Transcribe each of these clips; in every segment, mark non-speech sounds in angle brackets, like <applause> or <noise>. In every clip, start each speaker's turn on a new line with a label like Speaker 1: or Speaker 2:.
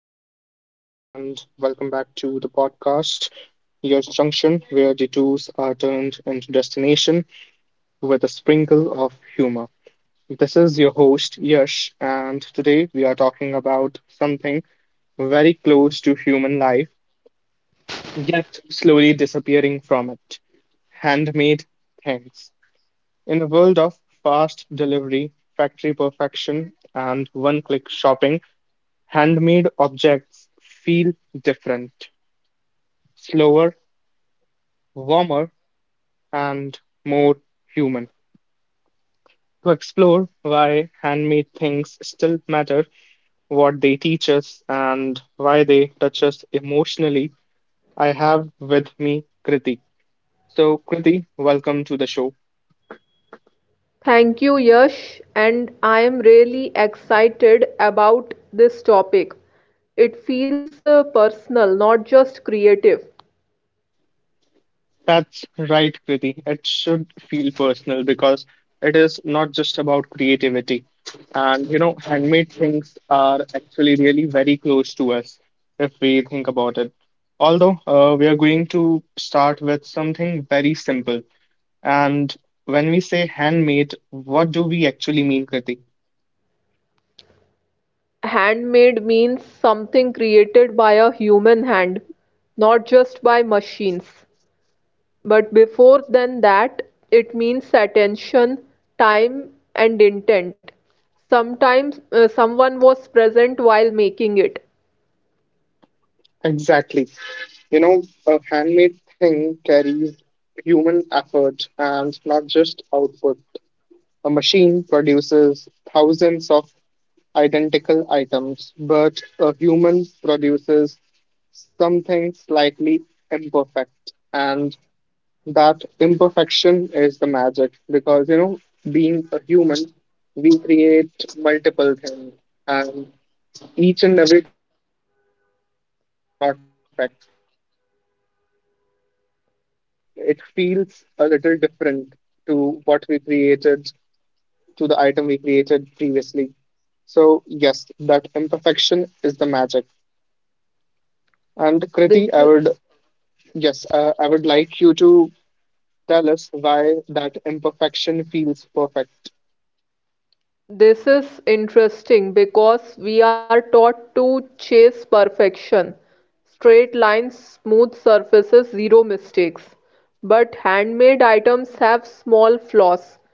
Speaker 1: Hello, everyone, and welcome back to the podcast, Your Junction, where detours are turned into destination with a sprinkle of humor. This is your host, Yash, and today we are talking about something very close to human life, yet slowly disappearing from it: handmade things. In a world of fast delivery, factory perfection, and one click shopping, handmade objects feel different, slower, warmer, and more human. To explore why handmade things still matter, what they teach us, and why they touch us emotionally, I have with me Kriti. So, Kriti, welcome to the show.
Speaker 2: Thank you, Yash, and I am really excited about this topic. It feels personal, not just creative.
Speaker 1: That's right, Kriti. It should feel personal because it is not just about creativity. And you know, handmade things are actually really very close to us if we think about it. Although we are going to start with something very simple. And when we say handmade, what do we actually mean, Kriti?
Speaker 2: Handmade means something created by a human hand, not just by machines. But before than that, it means attention, time, and intent. Sometimes someone was present while making it.
Speaker 1: Exactly. You know, a handmade thing carries human effort and not just output. A machine produces thousands of identical items, but a human produces something slightly imperfect. And that imperfection is the magic because, you know, being a human, we create multiple things. And each and every time we create, it is not perfect. And when we create, it feels a little different to what we created to the item we created previously. So yes, that imperfection is the magic. And
Speaker 2: This
Speaker 1: Kriti, I would yes, I would like you to tell us why that imperfection feels perfect.
Speaker 2: This is interesting because we are taught to chase perfection, straight lines, smooth surfaces, zero mistakes. But handmade items have small flaws,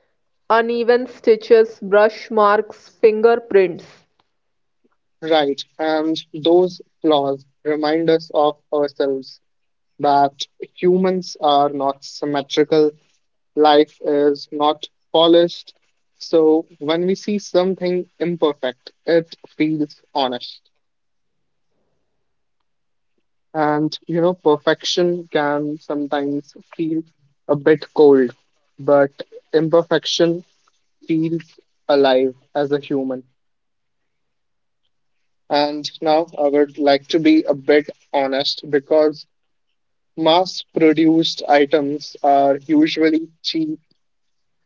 Speaker 2: uneven stitches, brush marks, fingerprints.
Speaker 1: Right, and those flaws remind us of ourselves that humans are not symmetrical, life is not polished. So when we see something imperfect, it feels honest. And you know, perfection can sometimes feel a bit cold, but imperfection feels alive as a human. And now I would like to be a bit honest because mass produced items are usually cheap,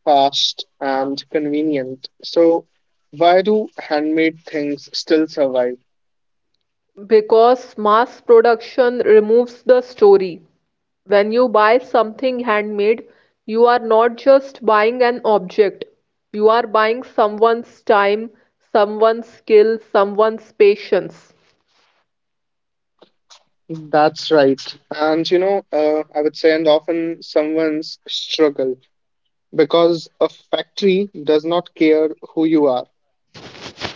Speaker 1: fast, and convenient. So, why do handmade things still survive?
Speaker 2: Because mass production removes the story. When you buy something handmade, you are not just buying an object, you are buying someone's time, someone's skill, someone's patience.
Speaker 1: That's right. And you know, I would say, and often someone's struggle because a factory does not care who you are.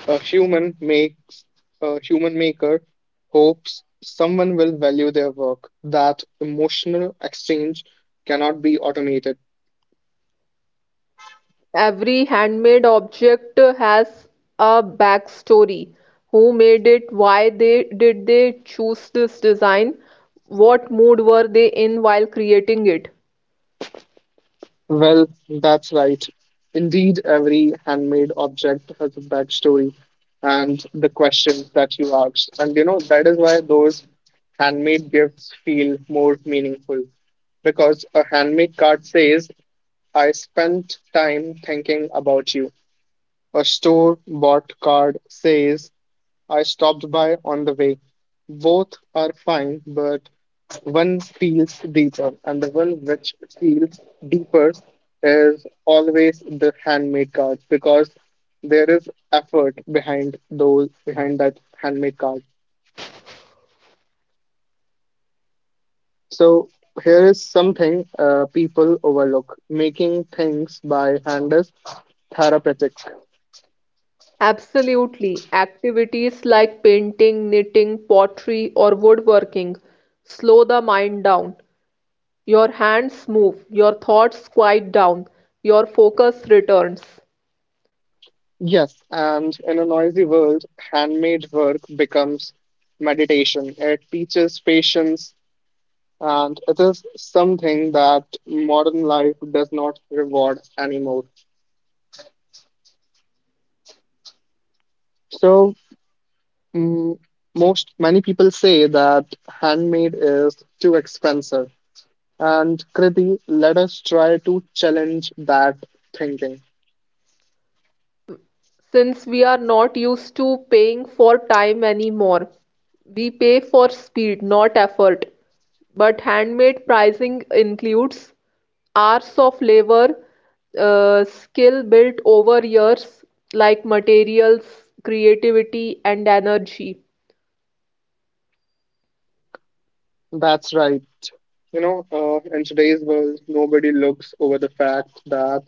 Speaker 1: A human makes a human maker hopes someone will value their work. That emotional exchange cannot be automated.
Speaker 2: Every handmade object has a backstory. Who made it? Why they did they choose this design? What mood were they in while creating it?
Speaker 1: Well, that's right. Indeed, every handmade object has a backstory and the questions that you asked. And you know, that is why those handmade gifts feel more meaningful because a handmade card says I spent time thinking about you. A store bought card says, I stopped by on the way. Both are fine, but one feels deeper, and the one which feels deeper is always the handmade card because there is effort behind those behind that handmade card. So here is something people overlook: making things by hand is therapeutic.
Speaker 2: Absolutely. Activities like painting, knitting, pottery, or woodworking slow the mind down. Your hands move, your thoughts quiet down, your focus returns.
Speaker 1: Yes, and in a noisy world, handmade work becomes meditation. It teaches patience, and it is something that modern life does not reward anymore. So, mm, most many people say that handmade is too expensive. And Kriti, let us try to challenge that thinking.
Speaker 2: Since we are not used to paying for time anymore. We pay for speed, not effort. But handmade pricing includes hours of labor, skill built over years, like materials, creativity, and energy.
Speaker 1: That's right. You know, in today's world, nobody looks over the fact that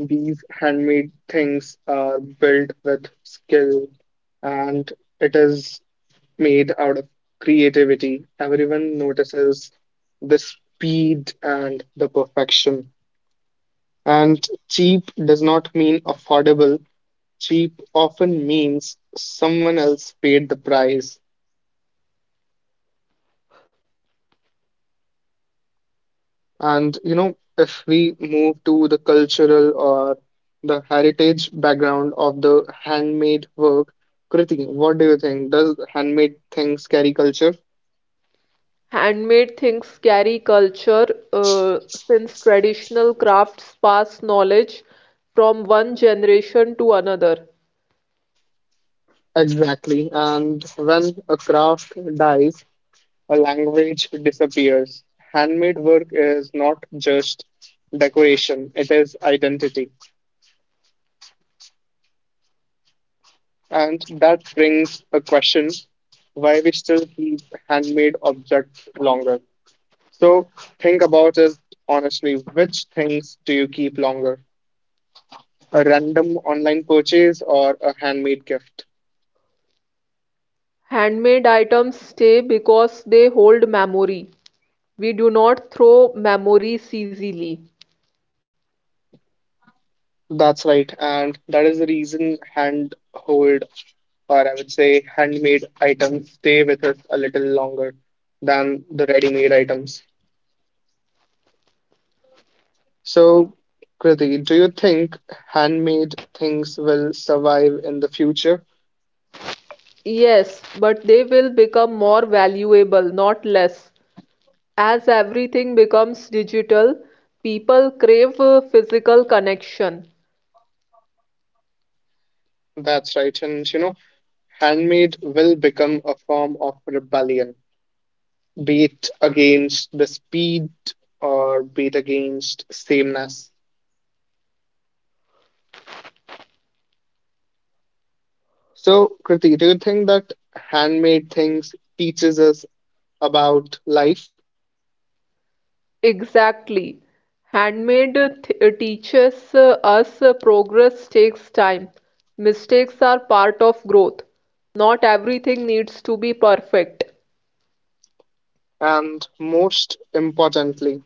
Speaker 1: these handmade things are built with skill and it is made out of creativity. Everyone notices the speed and the perfection. And cheap does not mean affordable, cheap often means someone else paid the price. And you know, if we move to the cultural or the heritage background of the handmade work, Kriti, what do you think? Does handmade things carry culture?
Speaker 2: Handmade things carry culture, uh, since traditional crafts pass knowledge from one generation to another.
Speaker 1: Exactly. And when a craft dies, a language disappears. Handmade work is not just decoration, it is identity. And that brings a question why we still keep handmade objects longer. So think about it honestly. Which things do you keep longer? A random online purchase or a handmade gift?
Speaker 2: Handmade items stay because they hold memory. We do not throw memories easily.
Speaker 1: That's right. And that is the reason hand hold or I would say handmade items stay with us a little longer than the ready made items. So Kriti, do you think handmade things will survive in the future?
Speaker 2: Yes, but they will become more valuable, not less. As everything becomes digital, people crave a physical connection.
Speaker 1: That's right. And you know, handmade will become a form of rebellion, be it against the speed or be it against sameness. So, Kriti, do you think that handmade things teaches us about life?
Speaker 2: Exactly. Handmade teaches us progress takes time. Mistakes are part of growth. Not everything needs to be perfect.
Speaker 1: And most importantly,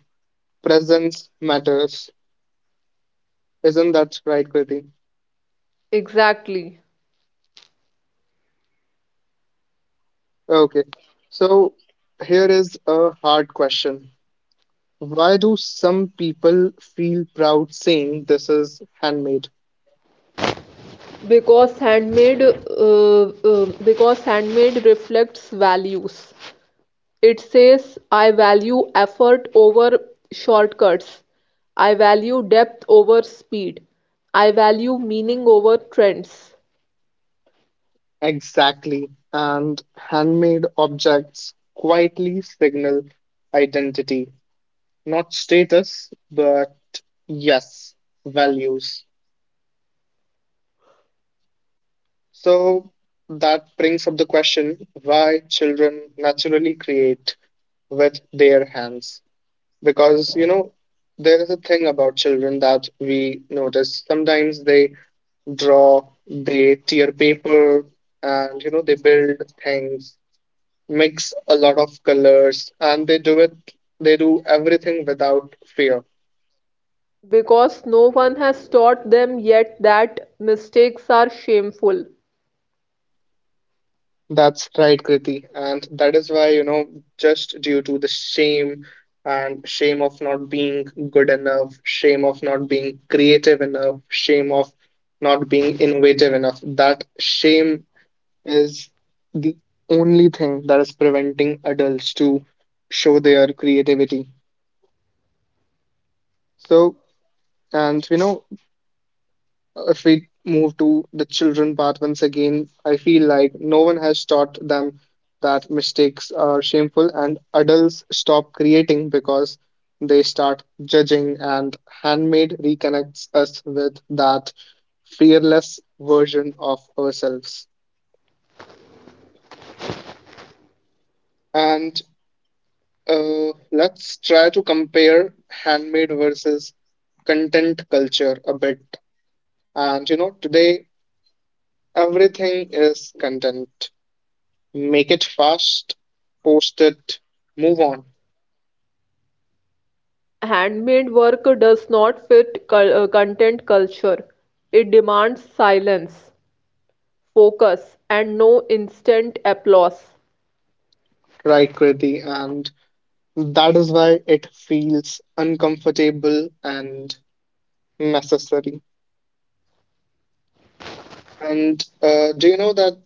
Speaker 1: presence matters. Isn't that right, Kriti?
Speaker 2: Exactly.
Speaker 1: Okay. So, here is a hard question. Why do some people feel proud saying this is handmade?
Speaker 2: Because handmade reflects values. It says I value effort over shortcuts, I value depth over speed, I value meaning over trends.
Speaker 1: Exactly. And handmade objects quietly signal identity, not status, but yes, values. So that brings up the question why children naturally create with their hands. Because, you know, there is a thing about children that we notice. Sometimes they draw, they tear paper, and, you know, they build things, mix a lot of colors, and they do everything without fear.
Speaker 2: Because no one has taught them yet that mistakes are shameful.
Speaker 1: That's right, Kriti, and that is why, you know, just due to the shame, and shame of not being good enough, shame of not being creative enough, shame of not being innovative enough, that shame is the only thing that is preventing adults to show their creativity. So, and you know, if we move to the children part once again, I feel like no one has taught them that mistakes are shameful, and adults stop creating because they start judging. And handmade reconnects us with that fearless version of ourselves. And let's try to compare handmade versus content culture a bit. And you know, today everything is content. Make it fast, post it, move on,
Speaker 2: Handmade work does not fit content culture. It demands silence, focus, and no instant applause.
Speaker 1: right, Kriti? And that is why it feels uncomfortable and necessary. And do you know that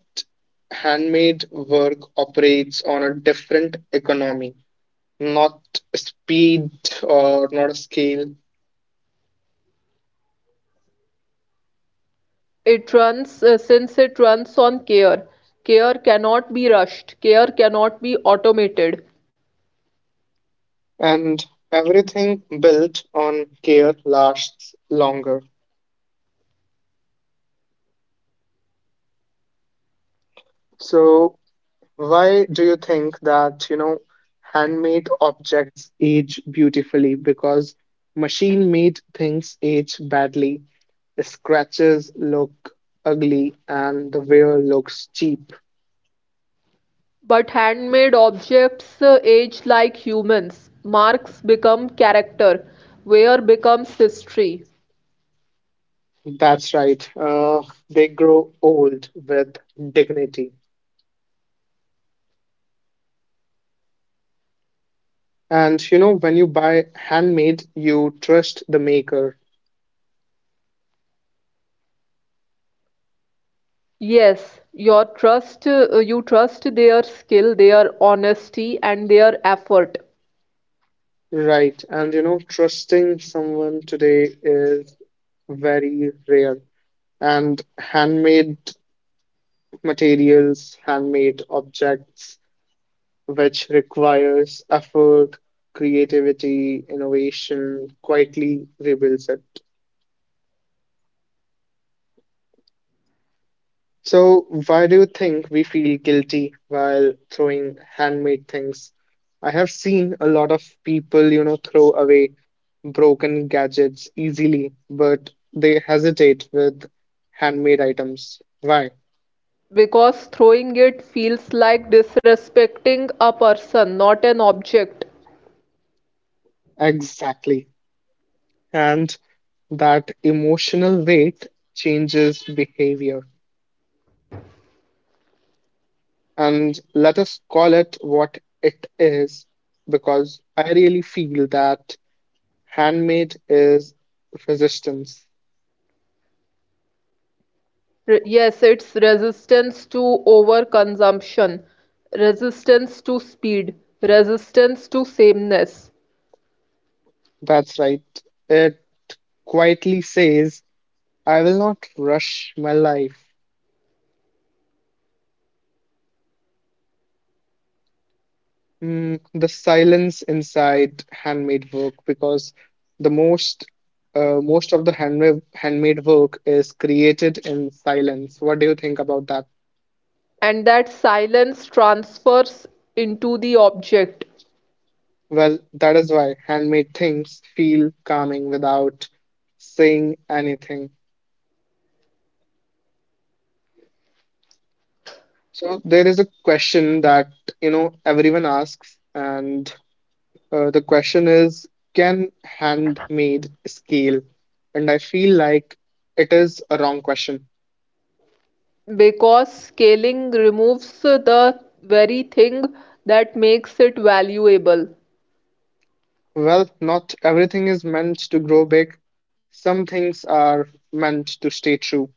Speaker 1: handmade work operates on a different economy, not speed or not a scale,
Speaker 2: It runs on care. Care cannot be rushed. Care cannot be automated.
Speaker 1: and everything built on care lasts longer. So, why do you think that, you know, handmade objects age beautifully? Because machine-made things age badly. The scratches look ugly and the wear looks cheap.
Speaker 2: But handmade objects age like humans. Marks become character. Wear becomes history.
Speaker 1: That's right. They grow old with dignity. And you know, when you buy handmade, you trust the maker.
Speaker 2: Yes, you trust their skill, their honesty, and their effort.
Speaker 1: Right. And you know, trusting someone today is very rare. And handmade materials, handmade objects, which requires effort, creativity, innovation, quietly rebuilds it. So, why do you think we feel guilty while throwing handmade things? I have seen a lot of people, you know, throw away broken gadgets easily, but they hesitate with handmade items. Why?
Speaker 2: Because throwing it feels like disrespecting a person, not an object.
Speaker 1: Exactly. And that emotional weight changes behavior. And let us call it what it is, because I really feel that handmade is resistance.
Speaker 2: Yes, it's resistance to overconsumption, resistance to speed, resistance to sameness.
Speaker 1: That's right. It quietly says, I will not rush my life. The silence inside handmade work, because the most most of the handmade work is created in silence. What do you think about that?
Speaker 2: And that silence transfers into the object.
Speaker 1: Well, that is why handmade things feel calming without saying anything. So there is a question that you know everyone asks, and the question is, can handmade scale? And I feel like it is a wrong question.
Speaker 2: Because scaling removes the very thing that makes it valuable.
Speaker 1: Well, not everything is meant to grow big. Some things are meant to stay true.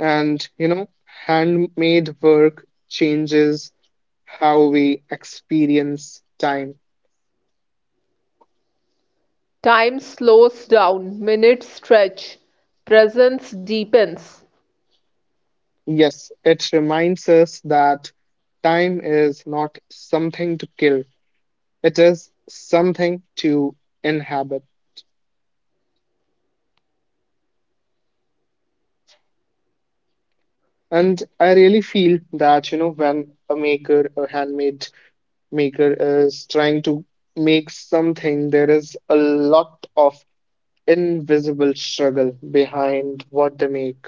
Speaker 1: And you know, handmade work changes how we experience time.
Speaker 2: Time slows down, minutes stretch, presence deepens,
Speaker 1: Yes, it reminds us that time is not something to kill, it is something to inhabit. And I really feel that, you know, when a handmade maker is trying to make something, there is a lot of invisible struggle behind what they make.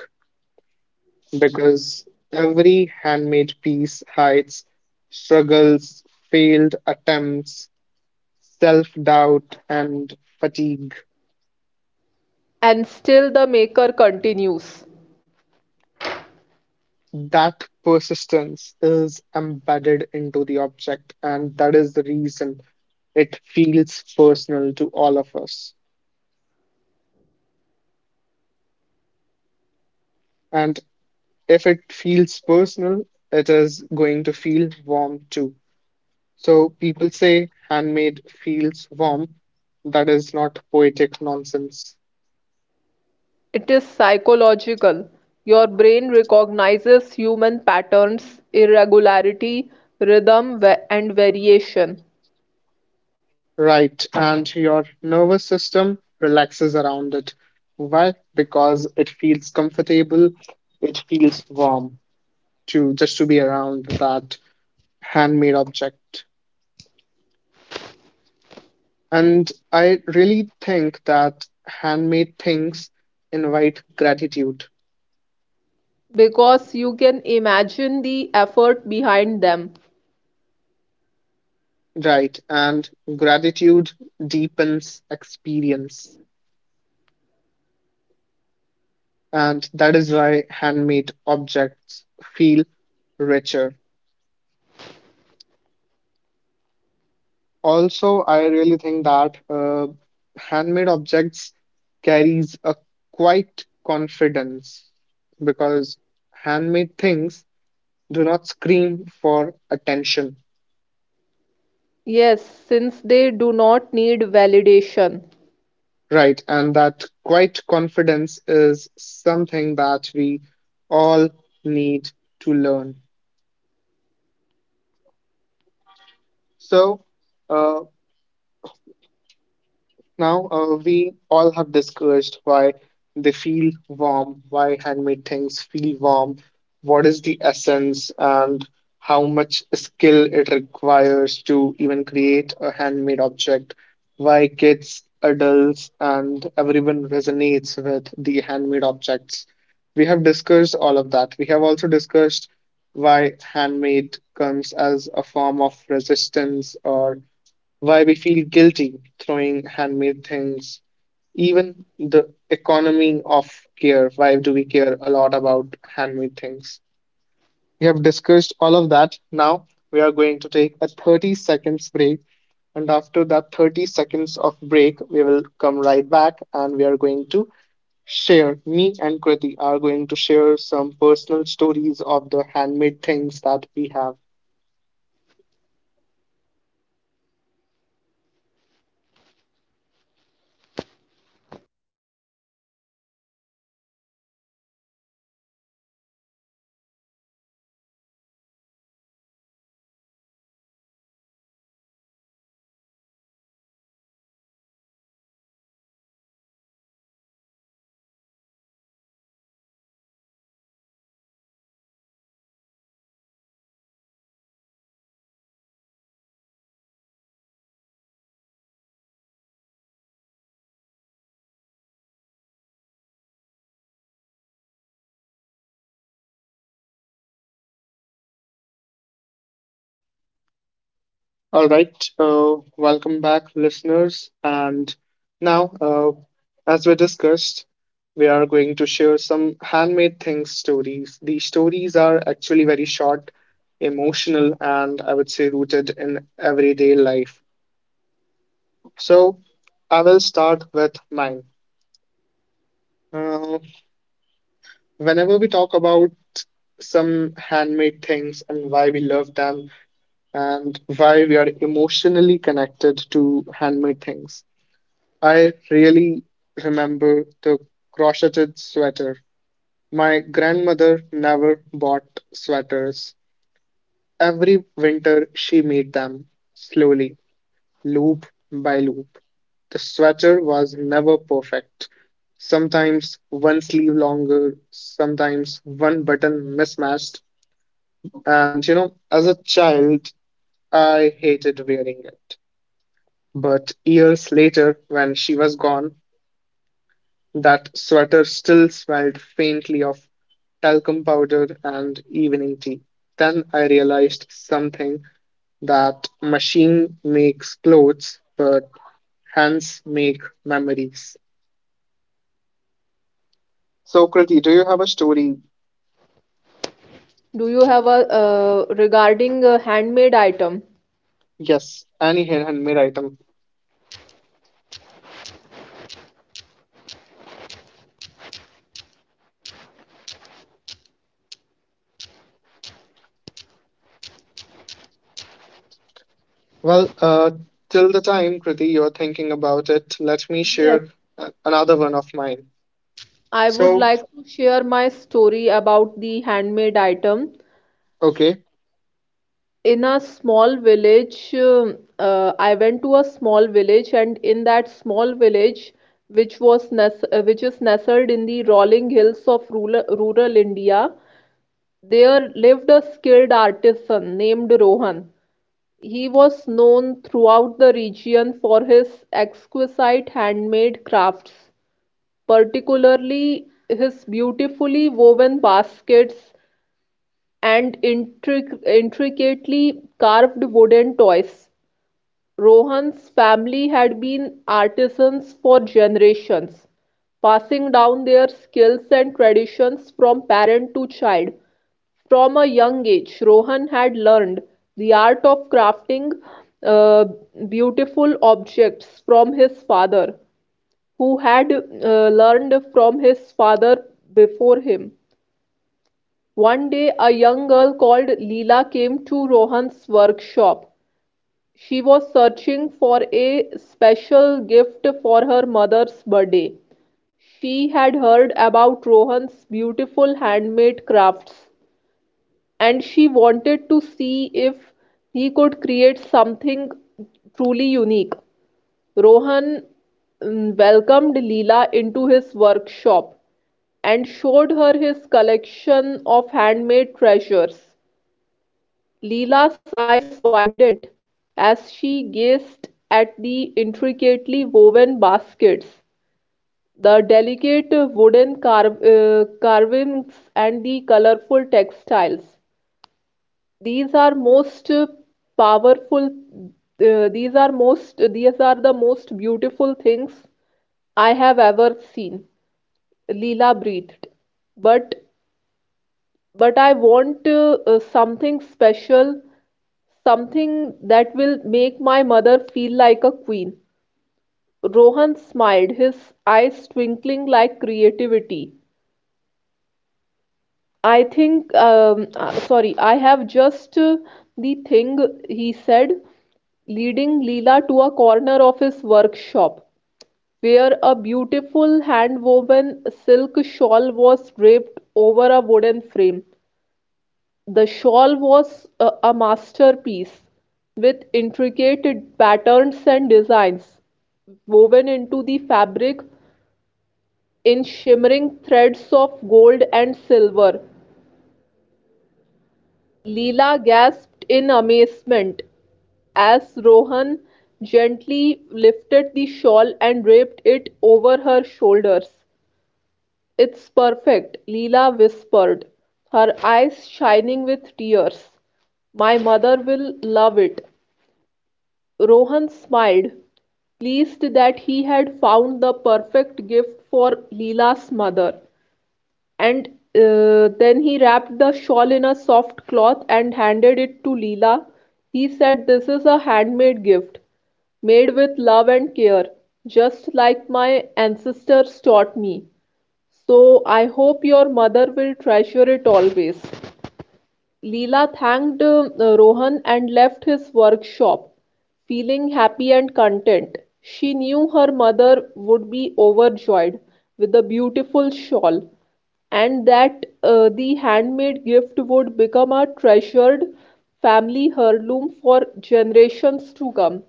Speaker 1: Because every handmade piece hides struggles, failed attempts, self doubt, and fatigue.
Speaker 2: and still the maker continues.
Speaker 1: That persistence is embedded into the object, and that is the reason it feels personal to all of us. And if it feels personal, it is going to feel warm too. So people say handmade feels warm. That is not poetic nonsense.
Speaker 2: It is psychological: your brain recognizes human patterns, irregularity, rhythm, and variation,
Speaker 1: Right, and your nervous system relaxes around it. Why? Because it feels comfortable, it feels warm to be around that handmade object. And I really think that handmade things invite gratitude,
Speaker 2: because you can imagine the effort behind them.
Speaker 1: right? And gratitude deepens experience. And that is why handmade objects feel richer. Also, I really think that handmade objects carries a quite confidence because handmade things do not scream for attention,
Speaker 2: Yes, since they do not need validation.
Speaker 1: right? And that quite confidence is something that we all need to learn. So, uh, now, we all have discussed why they feel warm, why handmade things feel warm, what is the essence, and how much skill it requires to even create a handmade object, why kids, adults, and everyone resonates with the handmade objects. We have discussed all of that. We have also discussed why handmade comes as a form of resistance or why we feel guilty throwing handmade things, even the economy of care. Why do we care a lot about handmade things? We have discussed all of that. Now we are going to take a 30 seconds break. And after that 30 seconds of break, we will come right back and we are going to share. Me and Kriti are going to share some personal stories of the handmade things that we have. All right, welcome back, listeners. And now, as we discussed, we are going to share some handmade things stories. These stories are actually very short, emotional, and I would say rooted in everyday life. So, I will start with mine. Uh, Whenever we talk about some handmade things and why we love them and why we are emotionally connected to handmade things, I really remember the crocheted sweater. My grandmother never bought sweaters. Every winter she made them slowly, loop by loop. The sweater was never perfect. Sometimes one sleeve longer, sometimes one button mismatched. And as a child, I hated wearing it. But years later, when she was gone, that sweater still smelled faintly of talcum powder and evening tea. Then I realized something, that machine makes clothes, but hands make memories. Socrates, do you have a story?
Speaker 2: Do you have a regarding a handmade item?
Speaker 1: Yes, any handmade item. Well, till the time, Kriti, you're thinking about it, let me
Speaker 2: Yes,
Speaker 1: share another one of mine.
Speaker 2: I would
Speaker 1: So,
Speaker 2: like to share my story about the handmade item.
Speaker 1: okay.
Speaker 2: In a small village I went to a small village and in that small village which was nes which is nestled in the rolling hills of rural India, there lived a skilled artisan named Rohan. He was known throughout the region for his exquisite handmade crafts, particularly his beautifully woven baskets and intricately carved wooden toys. Rohan's family had been artisans for generations, passing down their skills and traditions from parent to child. From a young age, Rohan had learned the art of crafting uh, beautiful objects from his father, who had learned from his father before him. One day, a young girl called Leela came to Rohan's workshop. She was searching for a special gift for her mother's birthday. She had heard about Rohan's beautiful handmade crafts and she wanted to see if he could create something truly unique. Rohan welcomed Leela into his workshop and showed her his collection of handmade treasures. Leela's eyes widened as she gazed at the intricately woven baskets, the delicate wooden carvings, and the colorful textiles. "These are most powerful, these are the most beautiful things I have ever seen," Leela breathed. But, but I want something special, something that will make my mother feel like a queen." Rohan smiled, his eyes twinkling like creativity. "I think, sorry, I have just the thing," he said, leading Leela to a corner of his workshop, where a beautiful hand woven silk shawl was draped over a wooden frame. The shawl was a masterpiece, with intricate patterns and designs woven into the fabric in shimmering threads of gold and silver. Leela gasped in amazement as Rohan gently lifted the shawl and draped it over her shoulders. "It's perfect," Leela whispered, her eyes shining with tears. "My mother will love it." Rohan smiled, pleased that he had found the perfect gift for Leela's mother, and then he wrapped the shawl in a soft cloth and handed it to Leela. He said, "This is a handmade gift, made with love and care, just like my ancestors taught me. So I hope your mother will treasure it always." Leela thanked Rohan and left his workshop, feeling happy and content. She knew her mother would be overjoyed with the beautiful shawl, and that the handmade gift would become a treasured family heirloom for generations to come.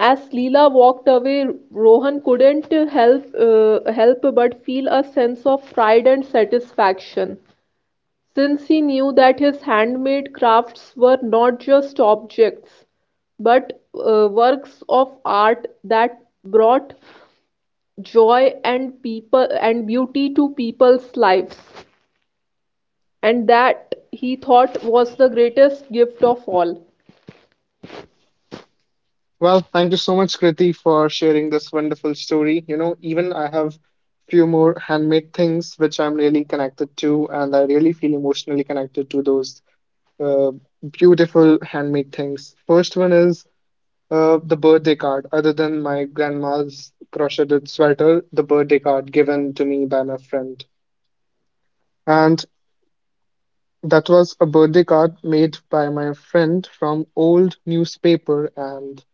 Speaker 2: As Leela walked away, Rohan couldn't help but feel a sense of pride and satisfaction, since he knew that his handmade crafts were not just objects but works of art that brought joy and people and beauty to people's lives, and that, he thought, was the greatest gift of all.
Speaker 1: Well, thank you so much, Kriti, for sharing this wonderful story. You know, even I have few more handmade things which I'm really connected to, and I really feel emotionally connected to those uh, beautiful handmade things. First one is the birthday card. Other than my grandma's crocheted sweater, the birthday card given to me by my friend, and that was a birthday card made by my friend from old newspaper and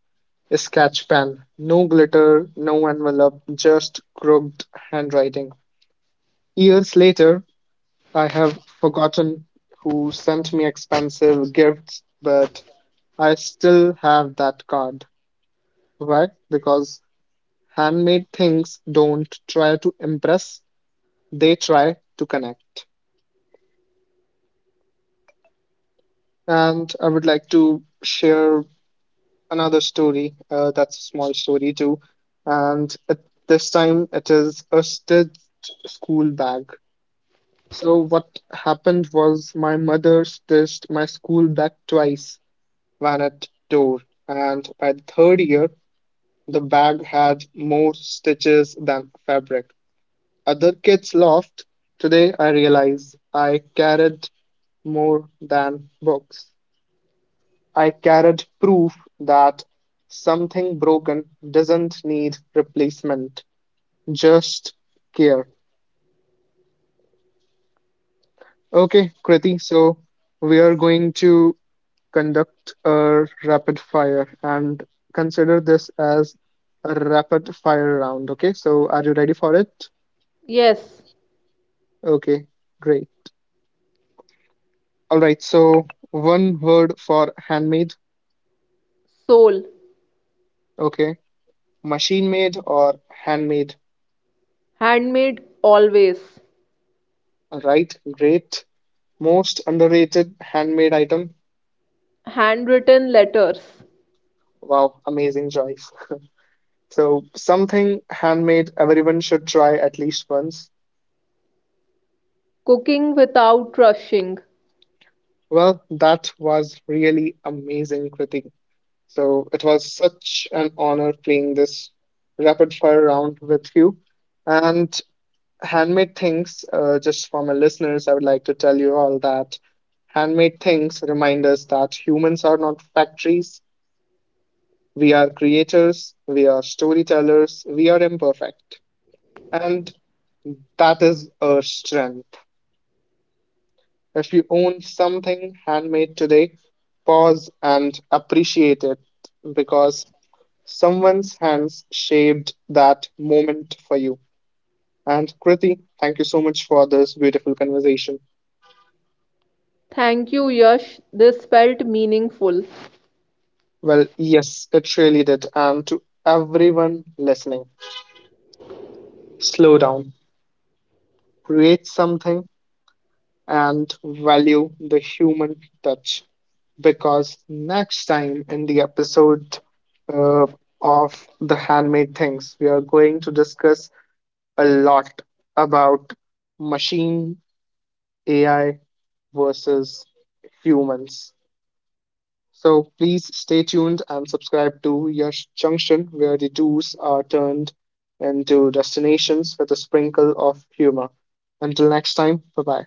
Speaker 1: sketch pen. No glitter, no envelope, just crooked handwriting. Years later, I have forgotten who sent me expensive gifts, but I still have that card. Why? Because handmade things don't try to impress, they try to connect. And I would like to share another story, that's a small story too. And at this time, it is a stitched school bag. So what happened was my mother stitched my school bag twice when it tore, and by the third year, the bag had more stitches than fabric. Other kids laughed. Today I realize I carried more than books. I carried proof that something broken doesn't need replacement, just care. Okay, Kriti, so we are going to conduct a rapid fire and consider this as a rapid fire round. Okay, so are you ready for it?
Speaker 2: Yes.
Speaker 1: Okay, great. All right, so one word for handmade.
Speaker 2: Soul.
Speaker 1: Okay, machine made or handmade.
Speaker 2: Handmade, always.
Speaker 1: All right, great. Most underrated handmade item.
Speaker 2: Handwritten letters.
Speaker 1: Wow, amazing choice. <laughs> So, something handmade everyone should try at least once.
Speaker 2: Cooking without rushing.
Speaker 1: Well, that was really amazing, Kriti. So it was such an honor playing this rapid fire round with you. And handmade things, just for my listeners, I would like to tell you all that handmade things remind us that humans are not factories. We are creators, we are storytellers, we are imperfect. And that is our strength. If you own something handmade today, pause and appreciate it, because someone's hands shaped that moment for you. And Kriti, thank you so much for this beautiful conversation.
Speaker 2: Thank you, Yash. This felt meaningful.
Speaker 1: Well, yes, it really did. And to everyone listening, slow down, create something, and value the human touch. Because next time in the episode uh, of The Handmade Things, we are going to discuss a lot about machine, AI, versus humans. So please stay tuned and subscribe to Yash Junction, where the do's are turned into destinations with a sprinkle of humor. Until next time, bye bye.